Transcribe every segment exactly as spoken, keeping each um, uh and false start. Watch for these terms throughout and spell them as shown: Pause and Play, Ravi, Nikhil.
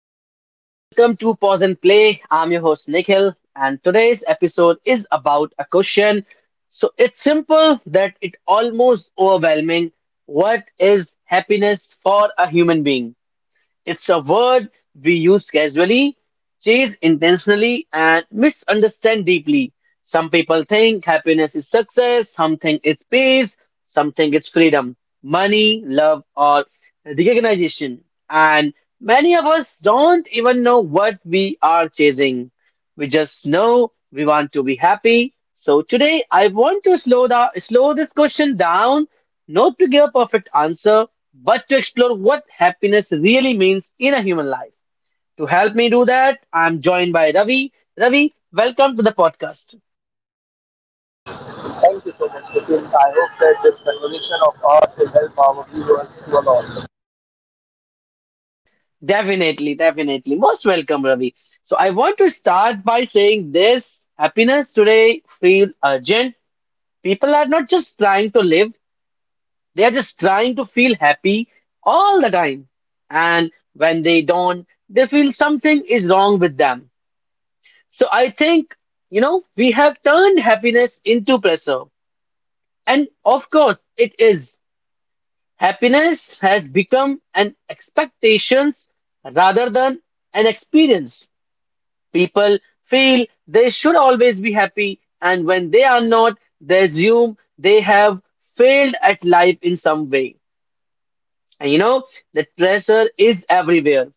everyone, and welcome to Pause and Play. I'm your host, Nikhil, and today's episode is about a question. So it's simple that it almost overwhelming. What is happiness for a human being? It's a word we use casually, chase intentionally, and misunderstand deeply. Some people think happiness is success, some think it's peace, some think it's freedom, money, love, or recognition. And many of us don't even know what we are chasing. We just know we want to be happy. So today I want to slow down slow this question down, not to give a perfect answer but to explore what happiness really means in a human life. To help me do that, I'm joined by Ravi. Ravi, welcome to the podcast. Thank you so much, Nikhil. I hope that this conversation of ours will help our viewers to a lot. Definitely, definitely. Most welcome, Ravi. So, I want to start by saying this happiness today feels urgent. People are not just trying to live, they are just trying to feel happy all the time. And when they don't, they feel something is wrong with them. So, I think, you know, we have turned happiness into pressure. And of course, it is. Happiness has become an expectations rather than an experience. People feel they should always be happy, and when they are not, they assume they have failed at life in some way. And you know, that pressure is everywhere.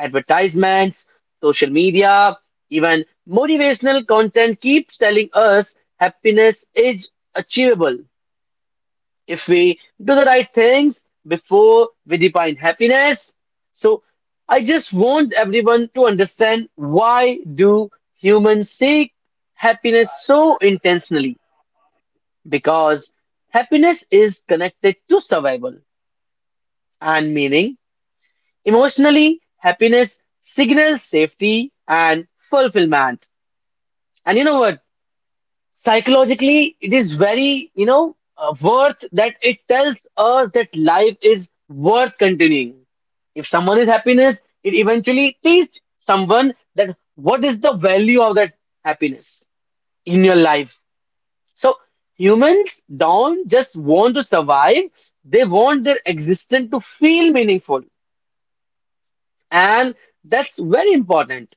Advertisements, social media, even motivational content keeps telling us happiness is achievable. If we do the right things before we define happiness. So I just want everyone to understand why do humans seek happiness so intentionally? Because happiness is connected to survival and meaning. Emotionally, happiness signals safety and fulfillment. And you know what? Psychologically it is very you know uh, worth that it tells us that life is worth continuing. If someone is happiness it eventually teaches someone that what is the value of that happiness in your life. So humans don't just want to survive, they want their existence to feel meaningful, and that's very important.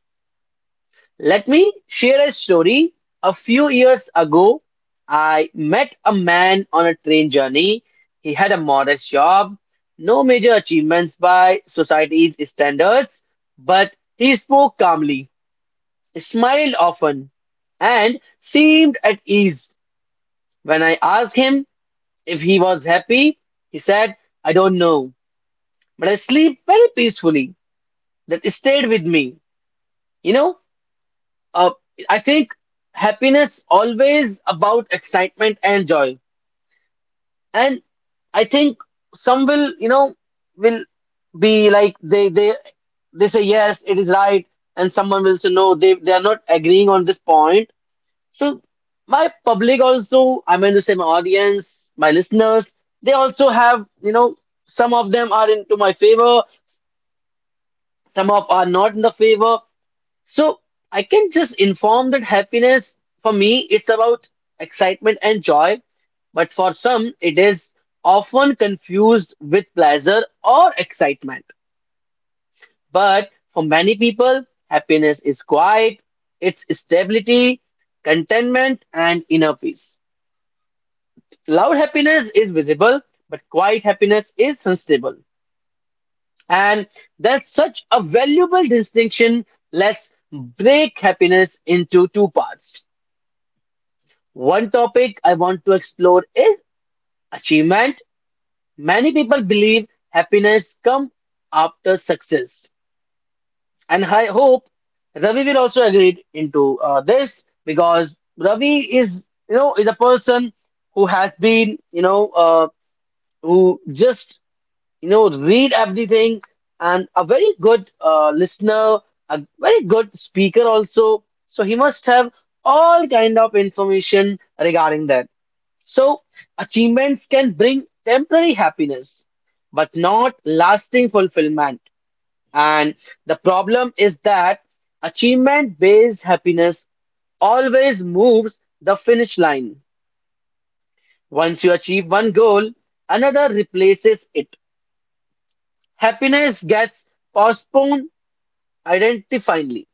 Let me share a story. A few years ago, I met a man on a train journey. He had a modest job, no major achievements by society's standards, but he spoke calmly, smiled often, and seemed at ease. When I asked him if he was happy, he said, I don't know, but I sleep very peacefully. That stayed with me. You know, Uh, I think happiness always about excitement and joy, and I think some will, you know, will be like they they they say yes, it is right, and someone will say no, they they are not agreeing on this point. So my public also, I mean to say my audience, my listeners, they also have, you know, some of them are into my favor, some of are not in the favor. So I can just inform that happiness for me it's about excitement and joy, but for some it is often confused with pleasure or excitement. But for many people, happiness is quiet, it's stability, contentment, and inner peace. Loud happiness is visible, but quiet happiness is unstable. And that's such a valuable distinction. Let's break happiness into two parts. One topic I want to explore is achievement. Many people believe happiness comes after success, and I hope Ravi will also agree into uh, this because Ravi is, you know, is a person who has been, you know, uh, who just, you know, read everything and a very good uh, listener, a very good speaker also. So he must have all kind of information regarding that. So, achievements can bring temporary happiness, but not lasting fulfillment. And the problem is that achievement based happiness always moves the finish line. Once you achieve one goal, another replaces it. Happiness gets postponed identifiably.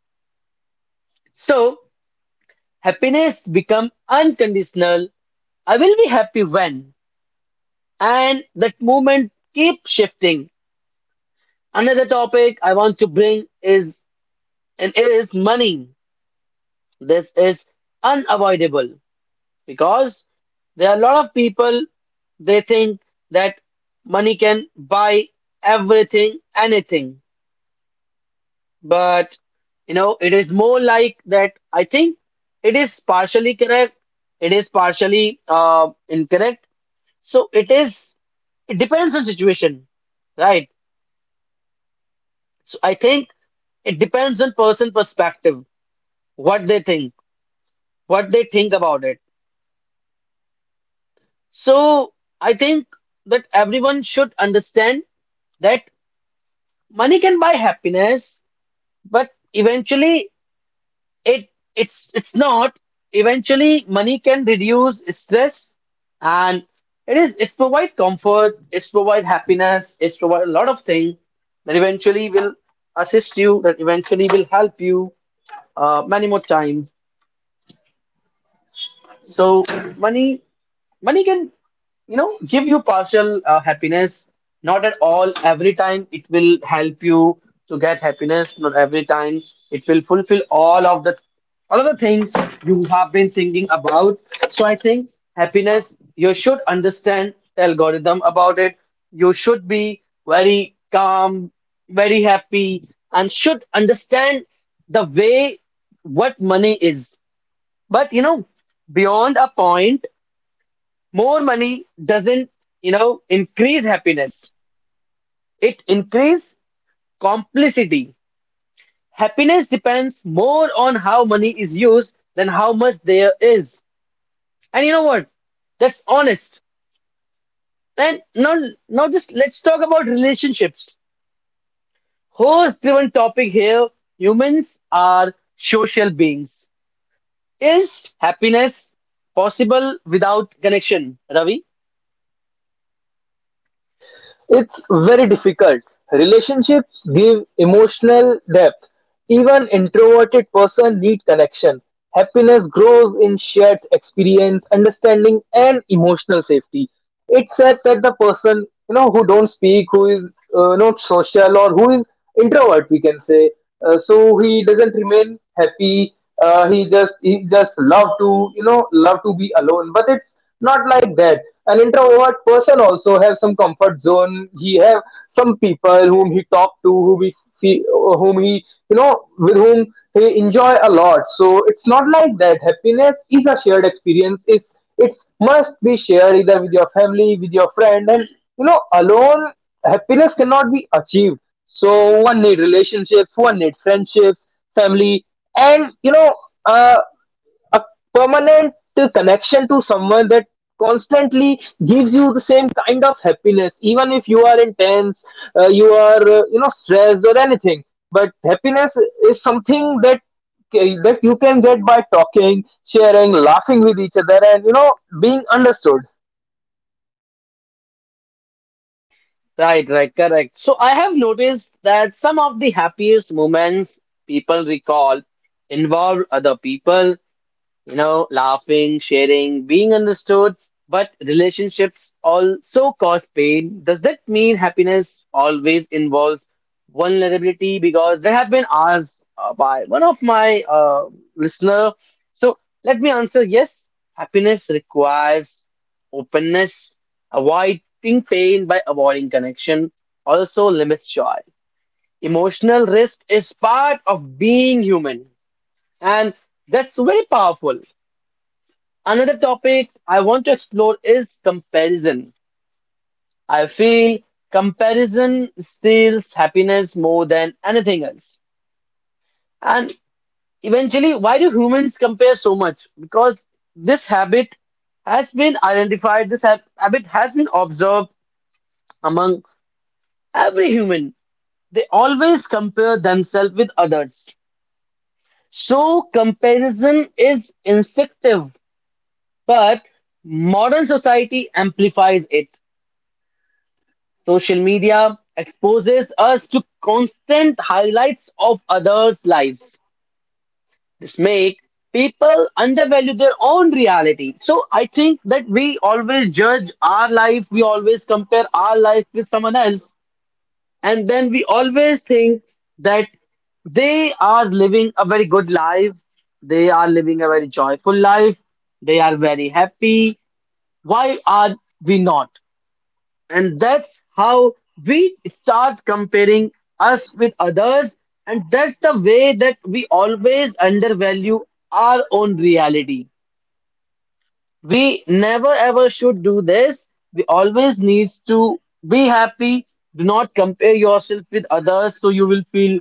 So, happiness become unconditional. I will be happy when, and that moment keeps shifting. Another topic I want to bring is and it is money. This is unavoidable because there are a lot of people they think that money can buy everything, anything. But you know, it is more like that. I think it is partially correct. It is partially uh, incorrect. So it is. It depends on situation, right? So I think it depends on person perspective what they think what they think about it. So I think that everyone should understand that money can buy happiness, but eventually it it's it's not. Eventually, money can reduce stress, and it is it provide comfort, it provide happiness, it provide a lot of things that eventually will assist you, that eventually will help you uh, many more times. So money money can you know give you partial uh, happiness, not at all every time it will help you to get happiness, not every time it will fulfill all of the all of the things you have been thinking about. So I think happiness you should understand the algorithm about it, you should be very calm, very happy, and should understand the way what money is. But you know beyond a point more money doesn't you know increase happiness, it increase complicity. Happiness depends more on how money is used than how much there is. And you know what, that's honest. And now now just let's talk about relationships, host driven topic here. Humans are social beings. Is happiness possible without connection, Ravi? It's very difficult. Relationships give emotional depth. Even introverted person need connection. Happiness grows in shared experience, understanding and emotional safety. It's said that the person, you know, who don't speak, who is uh, not social or who is introvert, we can say, uh, so he doesn't remain happy. Uh, he just he just love to you know love to be alone. But it's not like that an introvert person also have some comfort zone. He have some people whom he talk to, whom he fe- whom he, you know with whom he enjoy a lot. So it's not like that. Happiness is a shared experience. Is it's must be shared either with your family, with your friend, and you know alone happiness cannot be achieved. So one need relationships, one need friendships, family, and you know uh, a permanent connection to someone that constantly gives you the same kind of happiness even if you are intense, uh, you are uh, you know stressed or anything. But happiness is something that that you can get by talking, sharing, laughing with each other and, you know being understood. Right, right, correct. So I have noticed that some of the happiest moments people recall involve other people, you know, laughing, sharing, being understood. But relationships also cause pain. Does that mean happiness always involves vulnerability? Because there have been asked uh, by one of my uh, listener. So let me answer. Yes, happiness requires openness, avoiding pain by avoiding connection. Also limits joy. Emotional risk is part of being human, and that's very powerful. Another topic I want to explore is comparison. I feel comparison steals happiness more than anything else. And eventually, why do humans compare so much? Because this habit has been identified, this hab- habit has been observed among every human. They always compare themselves with others. So, comparison is instinctive, but modern society amplifies it. Social media exposes us to constant highlights of others' lives. This make people undervalue their own reality. So I think that we always judge our life, we always compare our life with someone else, and then we always think that they are living a very good life, they are living a very joyful life, they are very happy. Why are we not? And that's how we start comparing us with others, and that's the way that we always undervalue our own reality. We never ever should do this. We always needs to be happy. Do not compare yourself with others, so you will feel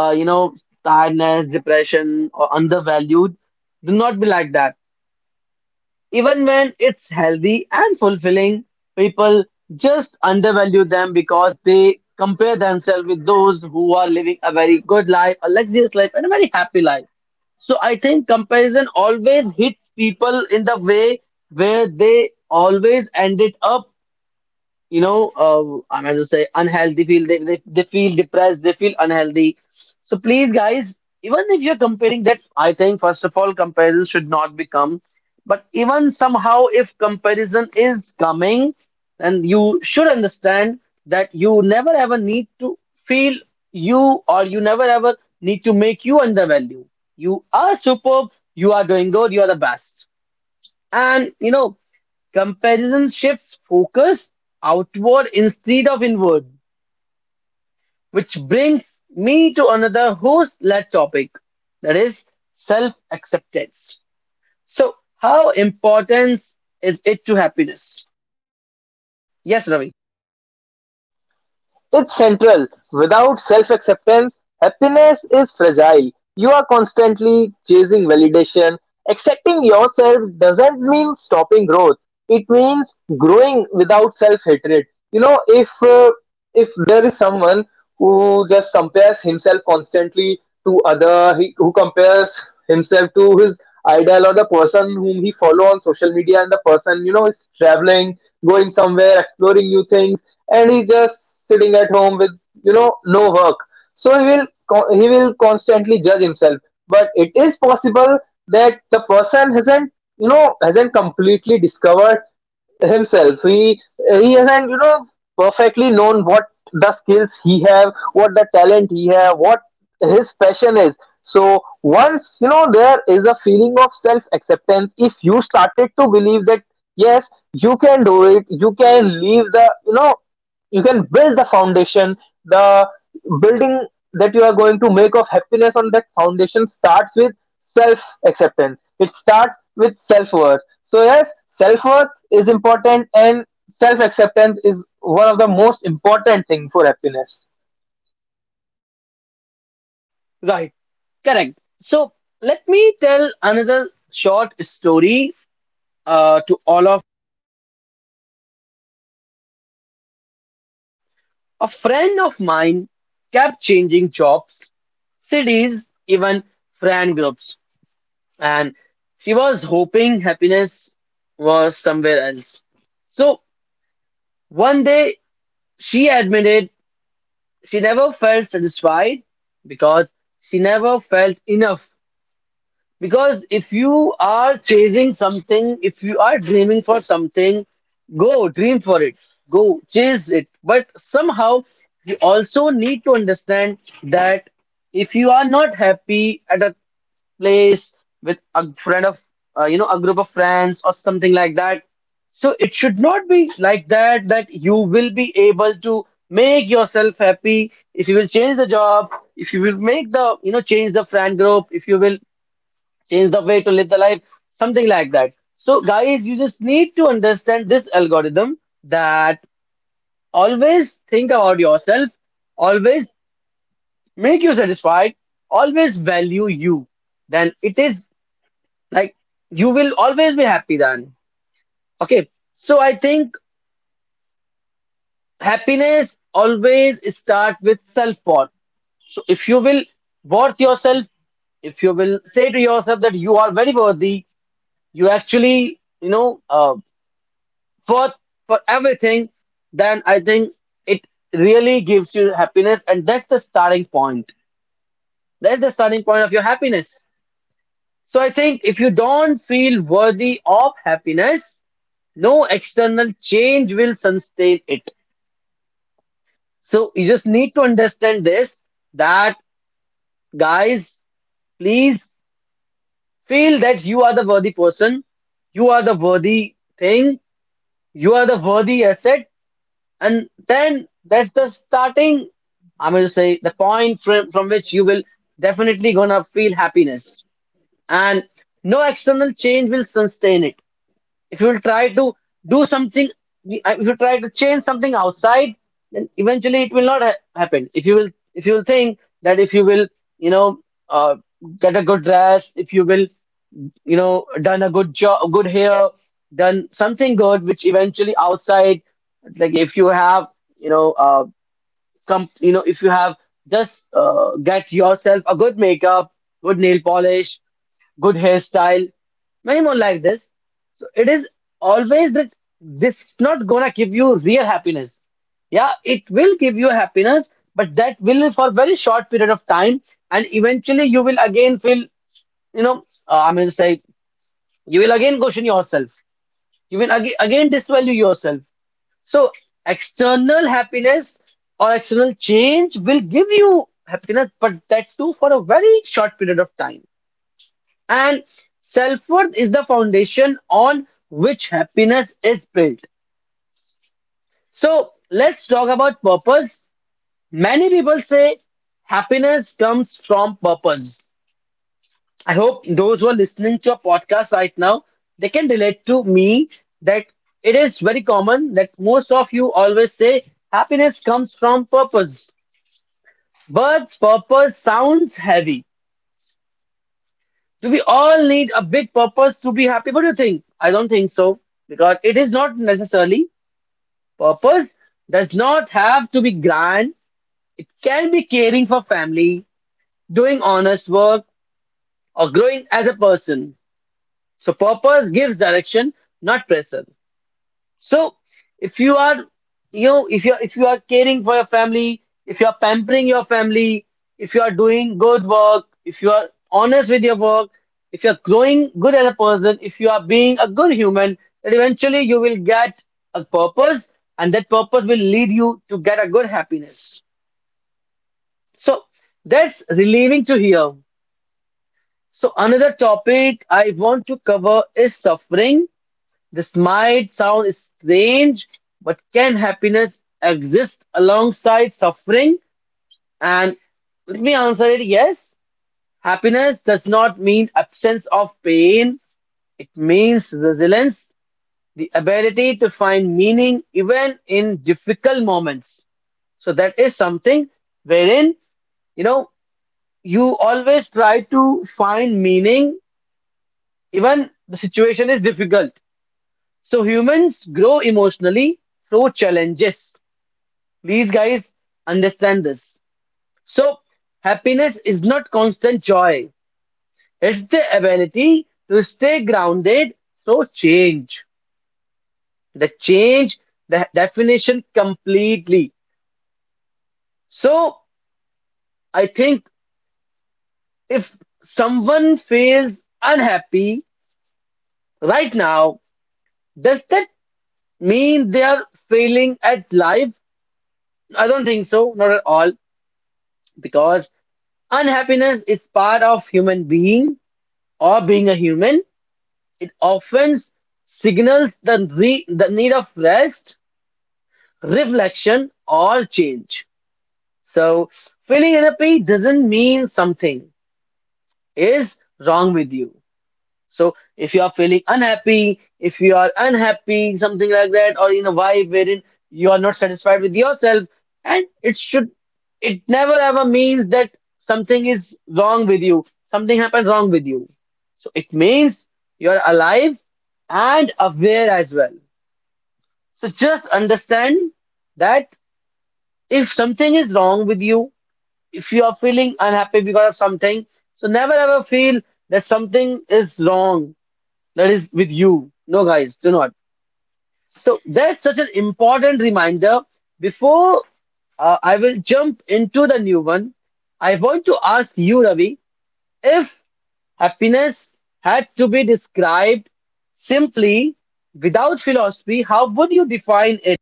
uh, you know tiredness, depression, or undervalued. Do not be like that. Even when it's healthy and fulfilling, people just undervalue them because they compare themselves with those who are living a very good life, a luxurious life, and a very happy life. So I think comparison always hits people in the way where they always ended up you know, uh, I'm going to say unhealthy, feel they, they, they feel depressed, they feel unhealthy. So please, guys, even if you're comparing that, I think first of all, comparison should not be come. But even somehow, if comparison is coming, then you should understand that you never ever need to feel you or you never ever need to make you undervalue. You are superb, you are doing good, you are the best. And you know, comparison shifts focus outward instead of inward, which brings me to another host led topic that is self acceptance. So, how important is it to happiness? Yes, Ravi. It's central. Without self acceptance, happiness is fragile. You are constantly chasing validation. Accepting yourself doesn't mean stopping growth, it means growing without self hatred. You know, if, uh, if there is someone who just compares himself constantly to other, he, who compares himself to his idol or the person whom he follow on social media, and the person, you know is traveling, going somewhere, exploring new things, and he's just sitting at home with, you know no work. So he will co- he will constantly judge himself. But it is possible that the person hasn't, you know hasn't completely discovered himself. He he hasn't, you know perfectly known what the skills he have, what the talent he have, what his passion is. So once, you know there is a feeling of self acceptance. If you started to believe that yes, you can do it, you can leave the, you know you can build the foundation. The building that you are going to make of happiness on that foundation starts with self acceptance. It starts with self worth. So, yes, self worth is important, and self acceptance is one of the most important thing for happiness. Right. Correct. So, let me tell another short story uh, to all of, a friend of mine kept changing jobs, cities, even friend groups, and she was hoping happiness was somewhere else. So one day she admitted she never felt satisfied because she never felt enough. Because if you are chasing something, if you are dreaming for something, go dream for it, go chase it. But somehow you also need to understand that if you are not happy at a place with a friend of uh, you know a group of friends or something like that, so it should not be like that, that you will be able to make yourself happy if you will change the job, if you will make the you know change the friend group, if you will change the way to live the life, something like that. So guys, you just need to understand this algorithm, that always think about yourself, always make you satisfied, always value you. Then it is like you will always be happy then. Okay, so I think happiness always start with self worth. So if you will worth yourself, if you will say to yourself that you are very worthy, you actually, you know uh, worth for everything, then I think it really gives you happiness, and that's the starting point. That's the starting point of your happiness. So I think if you don't feel worthy of happiness, no external change will sustain it. So you just need to understand this, that guys, please feel that you are the worthy person, you are the worthy thing, you are the worthy asset, and then that's the starting. I'm gonna say the point from, from which you will definitely gonna feel happiness. And no external change will sustain it. If you will try to do something, if you try to change something outside, then eventually it will not ha- happen. If you will, if you will think that if you will, you know, uh, get a good dress, if you will, you know, done a good job, good hair, done something good, which eventually outside, like if you have, you know, uh, come, you know, if you have just uh, get yourself a good makeup, good nail polish, good hairstyle, many more like this. So it is always that this is not gonna give you real happiness. Yeah, it will give you happiness, but that will for very short period of time, and eventually you will again feel, you know, uh, I'm gonna say you will again question yourself. You will again again disvalue yourself. So external happiness or external change will give you happiness, but that too for a very short period of time. And self worth is the foundation on which happiness is built. So let's talk about purpose. Many people say happiness comes from purpose. I hope those who are listening to a podcast right now, they can relate to me that it is very common that most of you always say happiness comes from purpose. But purpose sounds heavy. Do we all need a big purpose to be happy? What do you think? I don't think so, because it is not necessarily, purpose does not have to be grand. It can be caring for family, doing honest work, or growing as a person. So purpose gives direction, not pressure. So if you are, you know, if you if you are caring for your family, if you are pampering your family, if you are doing good work, if you are honest with your work, if you are growing good as a person, if you are being a good human, then eventually you will get a purpose, and that purpose will lead you to get a good happiness. So that's relieving to hear. So another topic I want to cover is suffering. This might sound strange, but can happiness exist alongside suffering? And let me answer it, yes. Happiness does not mean absence of pain, it means resilience, the ability to find meaning even in difficult moments. So that is something wherein, you know, you always try to find meaning even the situation is difficult. So humans grow emotionally through challenges. Please, guys, understand this. So happiness is not constant joy, it's the ability to stay grounded through change. The change, the definition completely. So I think if someone feels unhappy right now, does that mean they are failing at life? I don't think so, not at all, because unhappiness is part of human being, or being a human. It often signals the, re- the need of rest, reflection, or change. So feeling unhappy doesn't mean something is wrong with you. So if you are feeling unhappy, if you are unhappy, something like that, or in a vibe wherein you are not satisfied with yourself, and it should, it never ever means that something is wrong with you, something happened wrong with you. So it means you are alive and aware as well. So just understand that if something is wrong with you, if you are feeling unhappy because of something, so never ever feel that something is wrong that is with you. No guys, do not. So that's such an important reminder before uh, I will jump into the new one. I want to ask you Ravi, if happiness had to be described simply, without philosophy, how would you define it?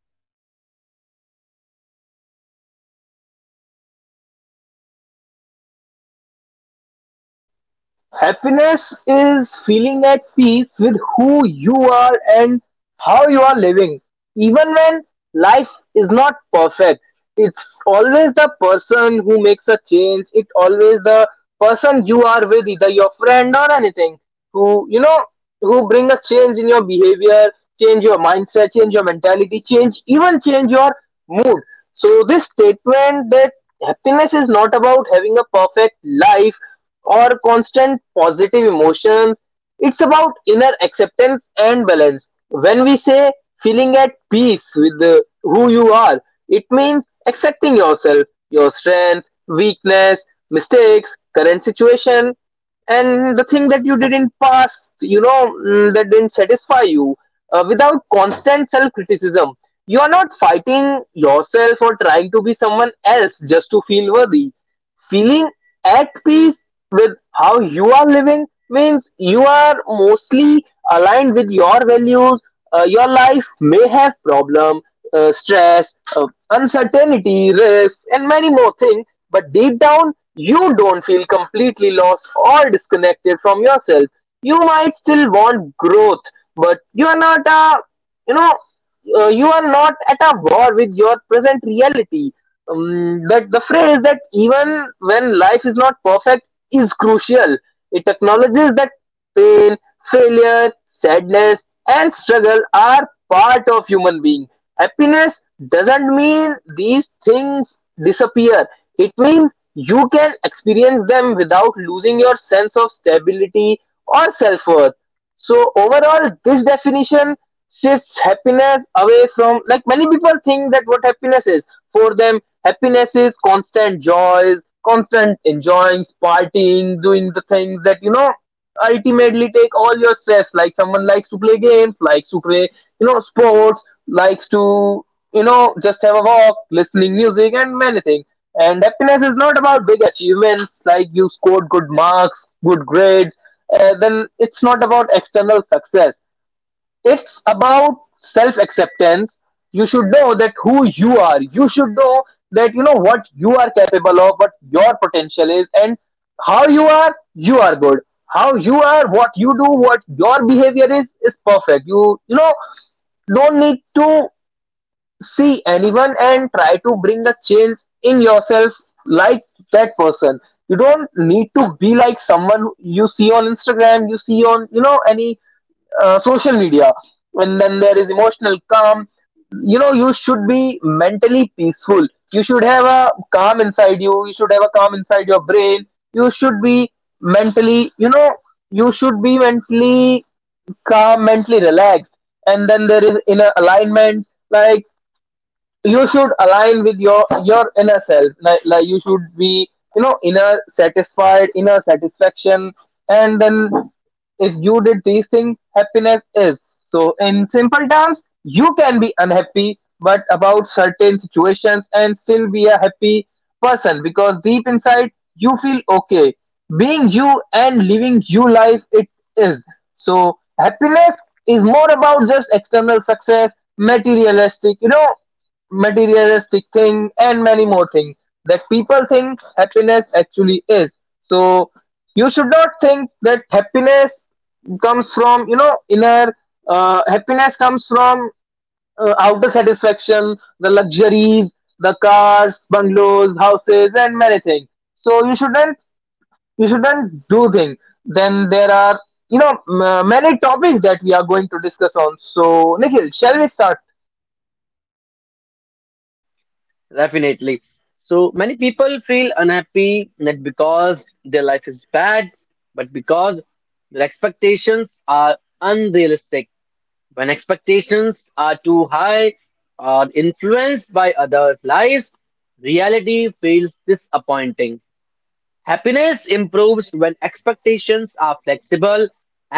Happiness is feeling at peace with who you are and how you are living. Even when life is not perfect, it's always the person who makes a change. It's always the person you are with, either your friend or anything, who you know who bring a change in your behavior, change your mindset, change your mentality, change, even change your mood. So this statement that happiness is not about having a perfect life or constant positive emotions, it's about inner acceptance and balance. When we say feeling at peace with the, who you are, it means accepting yourself, your strengths, weakness, mistakes, current situation, and the thing that you did in past, you know mm, that didn't satisfy you, uh, without constant self criticism. You are not fighting yourself or trying to be someone else just to feel worthy. Feeling at peace with how you are living means you are mostly aligned with your values. Uh, your life may have problem, uh, stress, uh, uncertainty, risk, and many more things, but deep down you don't feel completely lost or disconnected from yourself. You might still want growth, but you are not a, you know uh, you are not at a war with your present reality. Um, that the phrase that even when life is not perfect is crucial. It acknowledges that pain, failure, sadness, and struggle are part of human being. Happiness doesn't mean these things disappear. It means you can experience them without losing your sense of stability or self worth. So overall, this definition shifts happiness away from, like many people think that what happiness is for them. Happiness is constant joys, constant enjoying, partying, doing the things that, you know ultimately take all your stress. Like someone likes to play games, likes to play, you know sports, likes to, you know just have a walk, listening music, and many things. And happiness is not about big achievements like you scored good marks, good grades. Uh, then it's not about external success. It's about self acceptance. You should know that who you are. You should know that, you know what you are capable of, what your potential is, and how you are. You are good. How you are, what you do, what your behavior is, is perfect. You you know don't need to see anyone and try to bring a change in yourself like that person. You don't need to be like someone who- you see on Instagram, you see on, you know, any uh, social media. And then there is emotional calm. You know, you should be mentally peaceful. You should have a calm inside you. You should have a calm inside your brain. You should be mentally, you know, you should be mentally calm, mentally relaxed. And then there is inner alignment. Like you should align with your your inner self, like, like you should be, you know inner satisfied, inner satisfaction. And then if you did these things, happiness is. So in simple terms, you can be unhappy but about certain situations and still be a happy person because deep inside you feel okay being you and living you life it is. So happiness is more about just external success, materialistic, you know materialistic thing and many more things that people think happiness actually is. So you should not think that happiness comes from, you know inner, uh, happiness comes from uh, outer satisfaction, the luxuries, the cars, bungalows, houses, and many things. So you shouldn't you shouldn't do things. Then there are, you know m- many topics that we are going to discuss on. So Nikhil, shall we start? Definitely. So many people feel unhappy not because their life is bad, but because their expectations are unrealistic. When expectations are too high or influenced by others' lives, reality feels disappointing. Happiness improves when expectations are flexible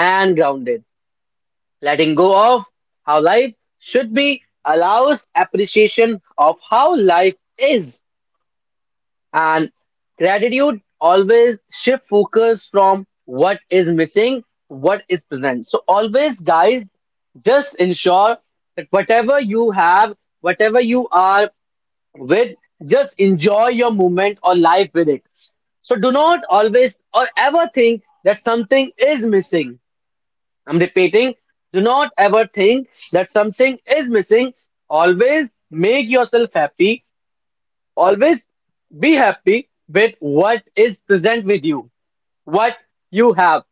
and grounded. Letting go of how life should be allows appreciation of how life is. And gratitude always shift focus from what is missing, what is present. So always, guys, just ensure that whatever you have, whatever you are with, just enjoy your moment or life with it. So do not always or ever think that something is missing. I'm repeating, do not ever think that something is missing. Always make yourself happy. Always be happy with what is present with you, what you have.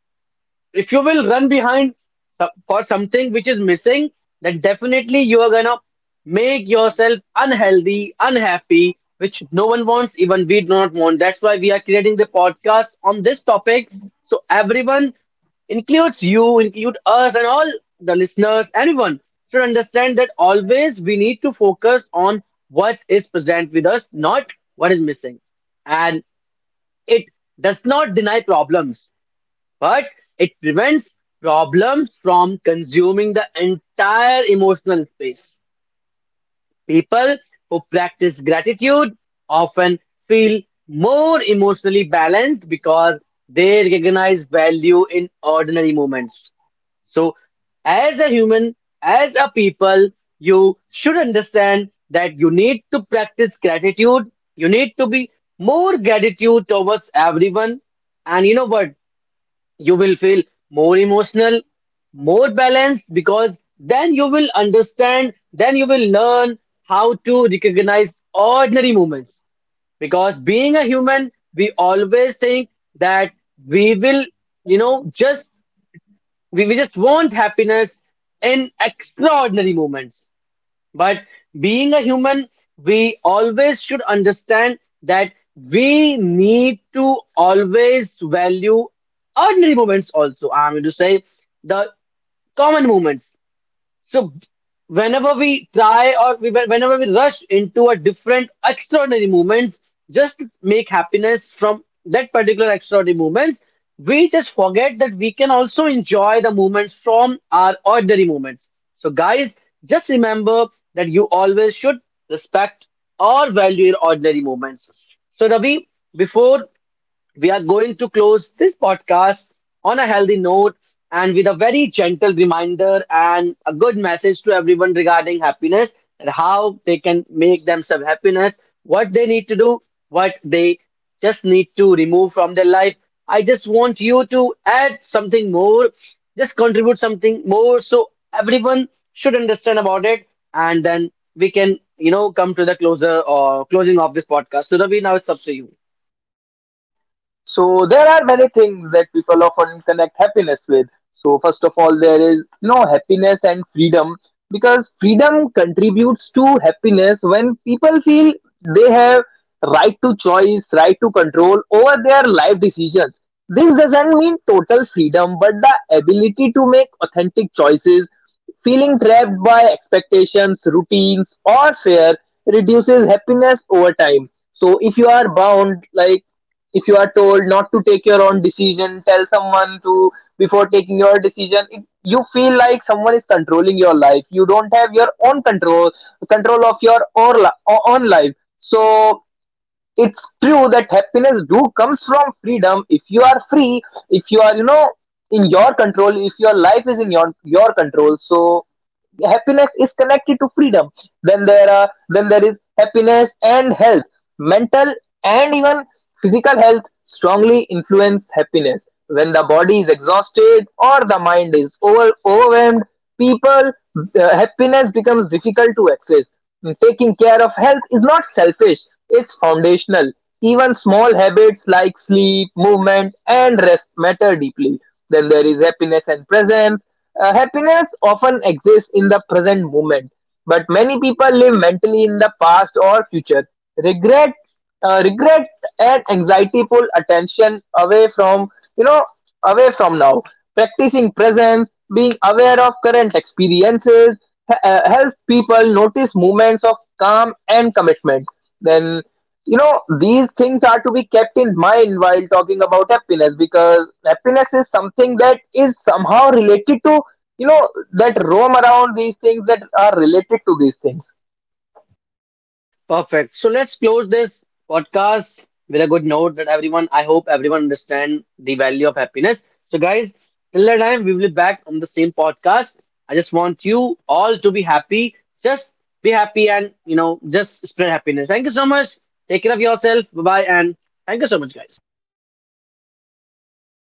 If you will run behind some, for something which is missing, then definitely you are gonna make yourself unhealthy, unhappy, which no one wants, even we do not want. That's why we are creating the podcast on this topic. So everyone, includes you, include us, and all the listeners, everyone should understand that always we need to focus on what is present with us, not what is missing. And it does not deny problems, but it prevents problems from consuming the entire emotional space. People who practice gratitude often feel more emotionally balanced because they recognize value in ordinary moments. So as a human, as a people, you should understand that you need to practice gratitude. You need to be more gratitude towards everyone. And you know what? You will feel more emotional, more balanced, because then you will understand, then you will learn how to recognize ordinary moments. Because being a human, we always think that we will, you know, just we, we just want happiness in extraordinary moments. But being a human, we always should understand that we need to always value ordinary moments also. I'm going to say the common moments. So whenever we try, or we, whenever we rush into a different extraordinary moments just to make happiness from that particular extraordinary moments, we just forget that we can also enjoy the moments from our ordinary moments. So guys, just remember that you always should respect or value your ordinary moments. So Ravi, before we are going to close this podcast on a healthy note and with a very gentle reminder and a good message to everyone regarding happiness and how they can make themselves happiness, what they need to do, what they just need to remove from their life. I just want you to add something more, just contribute something more, so everyone should understand about it, and then we can, you know, come to the closer or closing of this podcast. So Ravi, now it's up to you. So there are many things that people often connect happiness with. So first of all, there is no happiness and freedom, because freedom contributes to happiness when people feel they have right to choice, right to control over their life decisions. This doesn't mean total freedom, but the ability to make authentic choices. Feeling trapped by expectations, routines, or fear reduces happiness over time. So, if you are bound, like if you are told not to take your own decision, tell someone to before taking your decision, it, you feel like someone is controlling your life, you don't have your own control, control of your or li- own life. So it's true that happiness do comes from freedom. If you are free, if you are, you know in your control, if your life is in your your control, so happiness is connected to freedom. Then there are, then there is happiness and health. Mental and even physical health strongly influence happiness. When the body is exhausted or the mind is over, overwhelmed, people, uh, happiness becomes difficult to access. Taking care of health is not selfish, it's foundational. Even small habits like sleep, movement, and rest matter deeply. Then there is happiness and presence. Uh, happiness often exists in the present moment, but many people live mentally in the past or future. Regret, uh, Regret and anxiety pull attention away from, you know away from now. Practicing presence, being aware of current experiences, he- uh, help people notice moments of calm and commitment. Then, you know these things are to be kept in mind while talking about happiness, because happiness is something that is somehow related to, you know that roam around these things, that are related to these things. Perfect. So let's close this podcast with a good note that everyone, I hope everyone understand the value of happiness. So guys, till that time, we will be back on the same podcast. I just want you all to be happy. Just be happy and, you know, just spread happiness. Thank you so much. Take care of yourself. Bye-bye. And thank you so much, guys.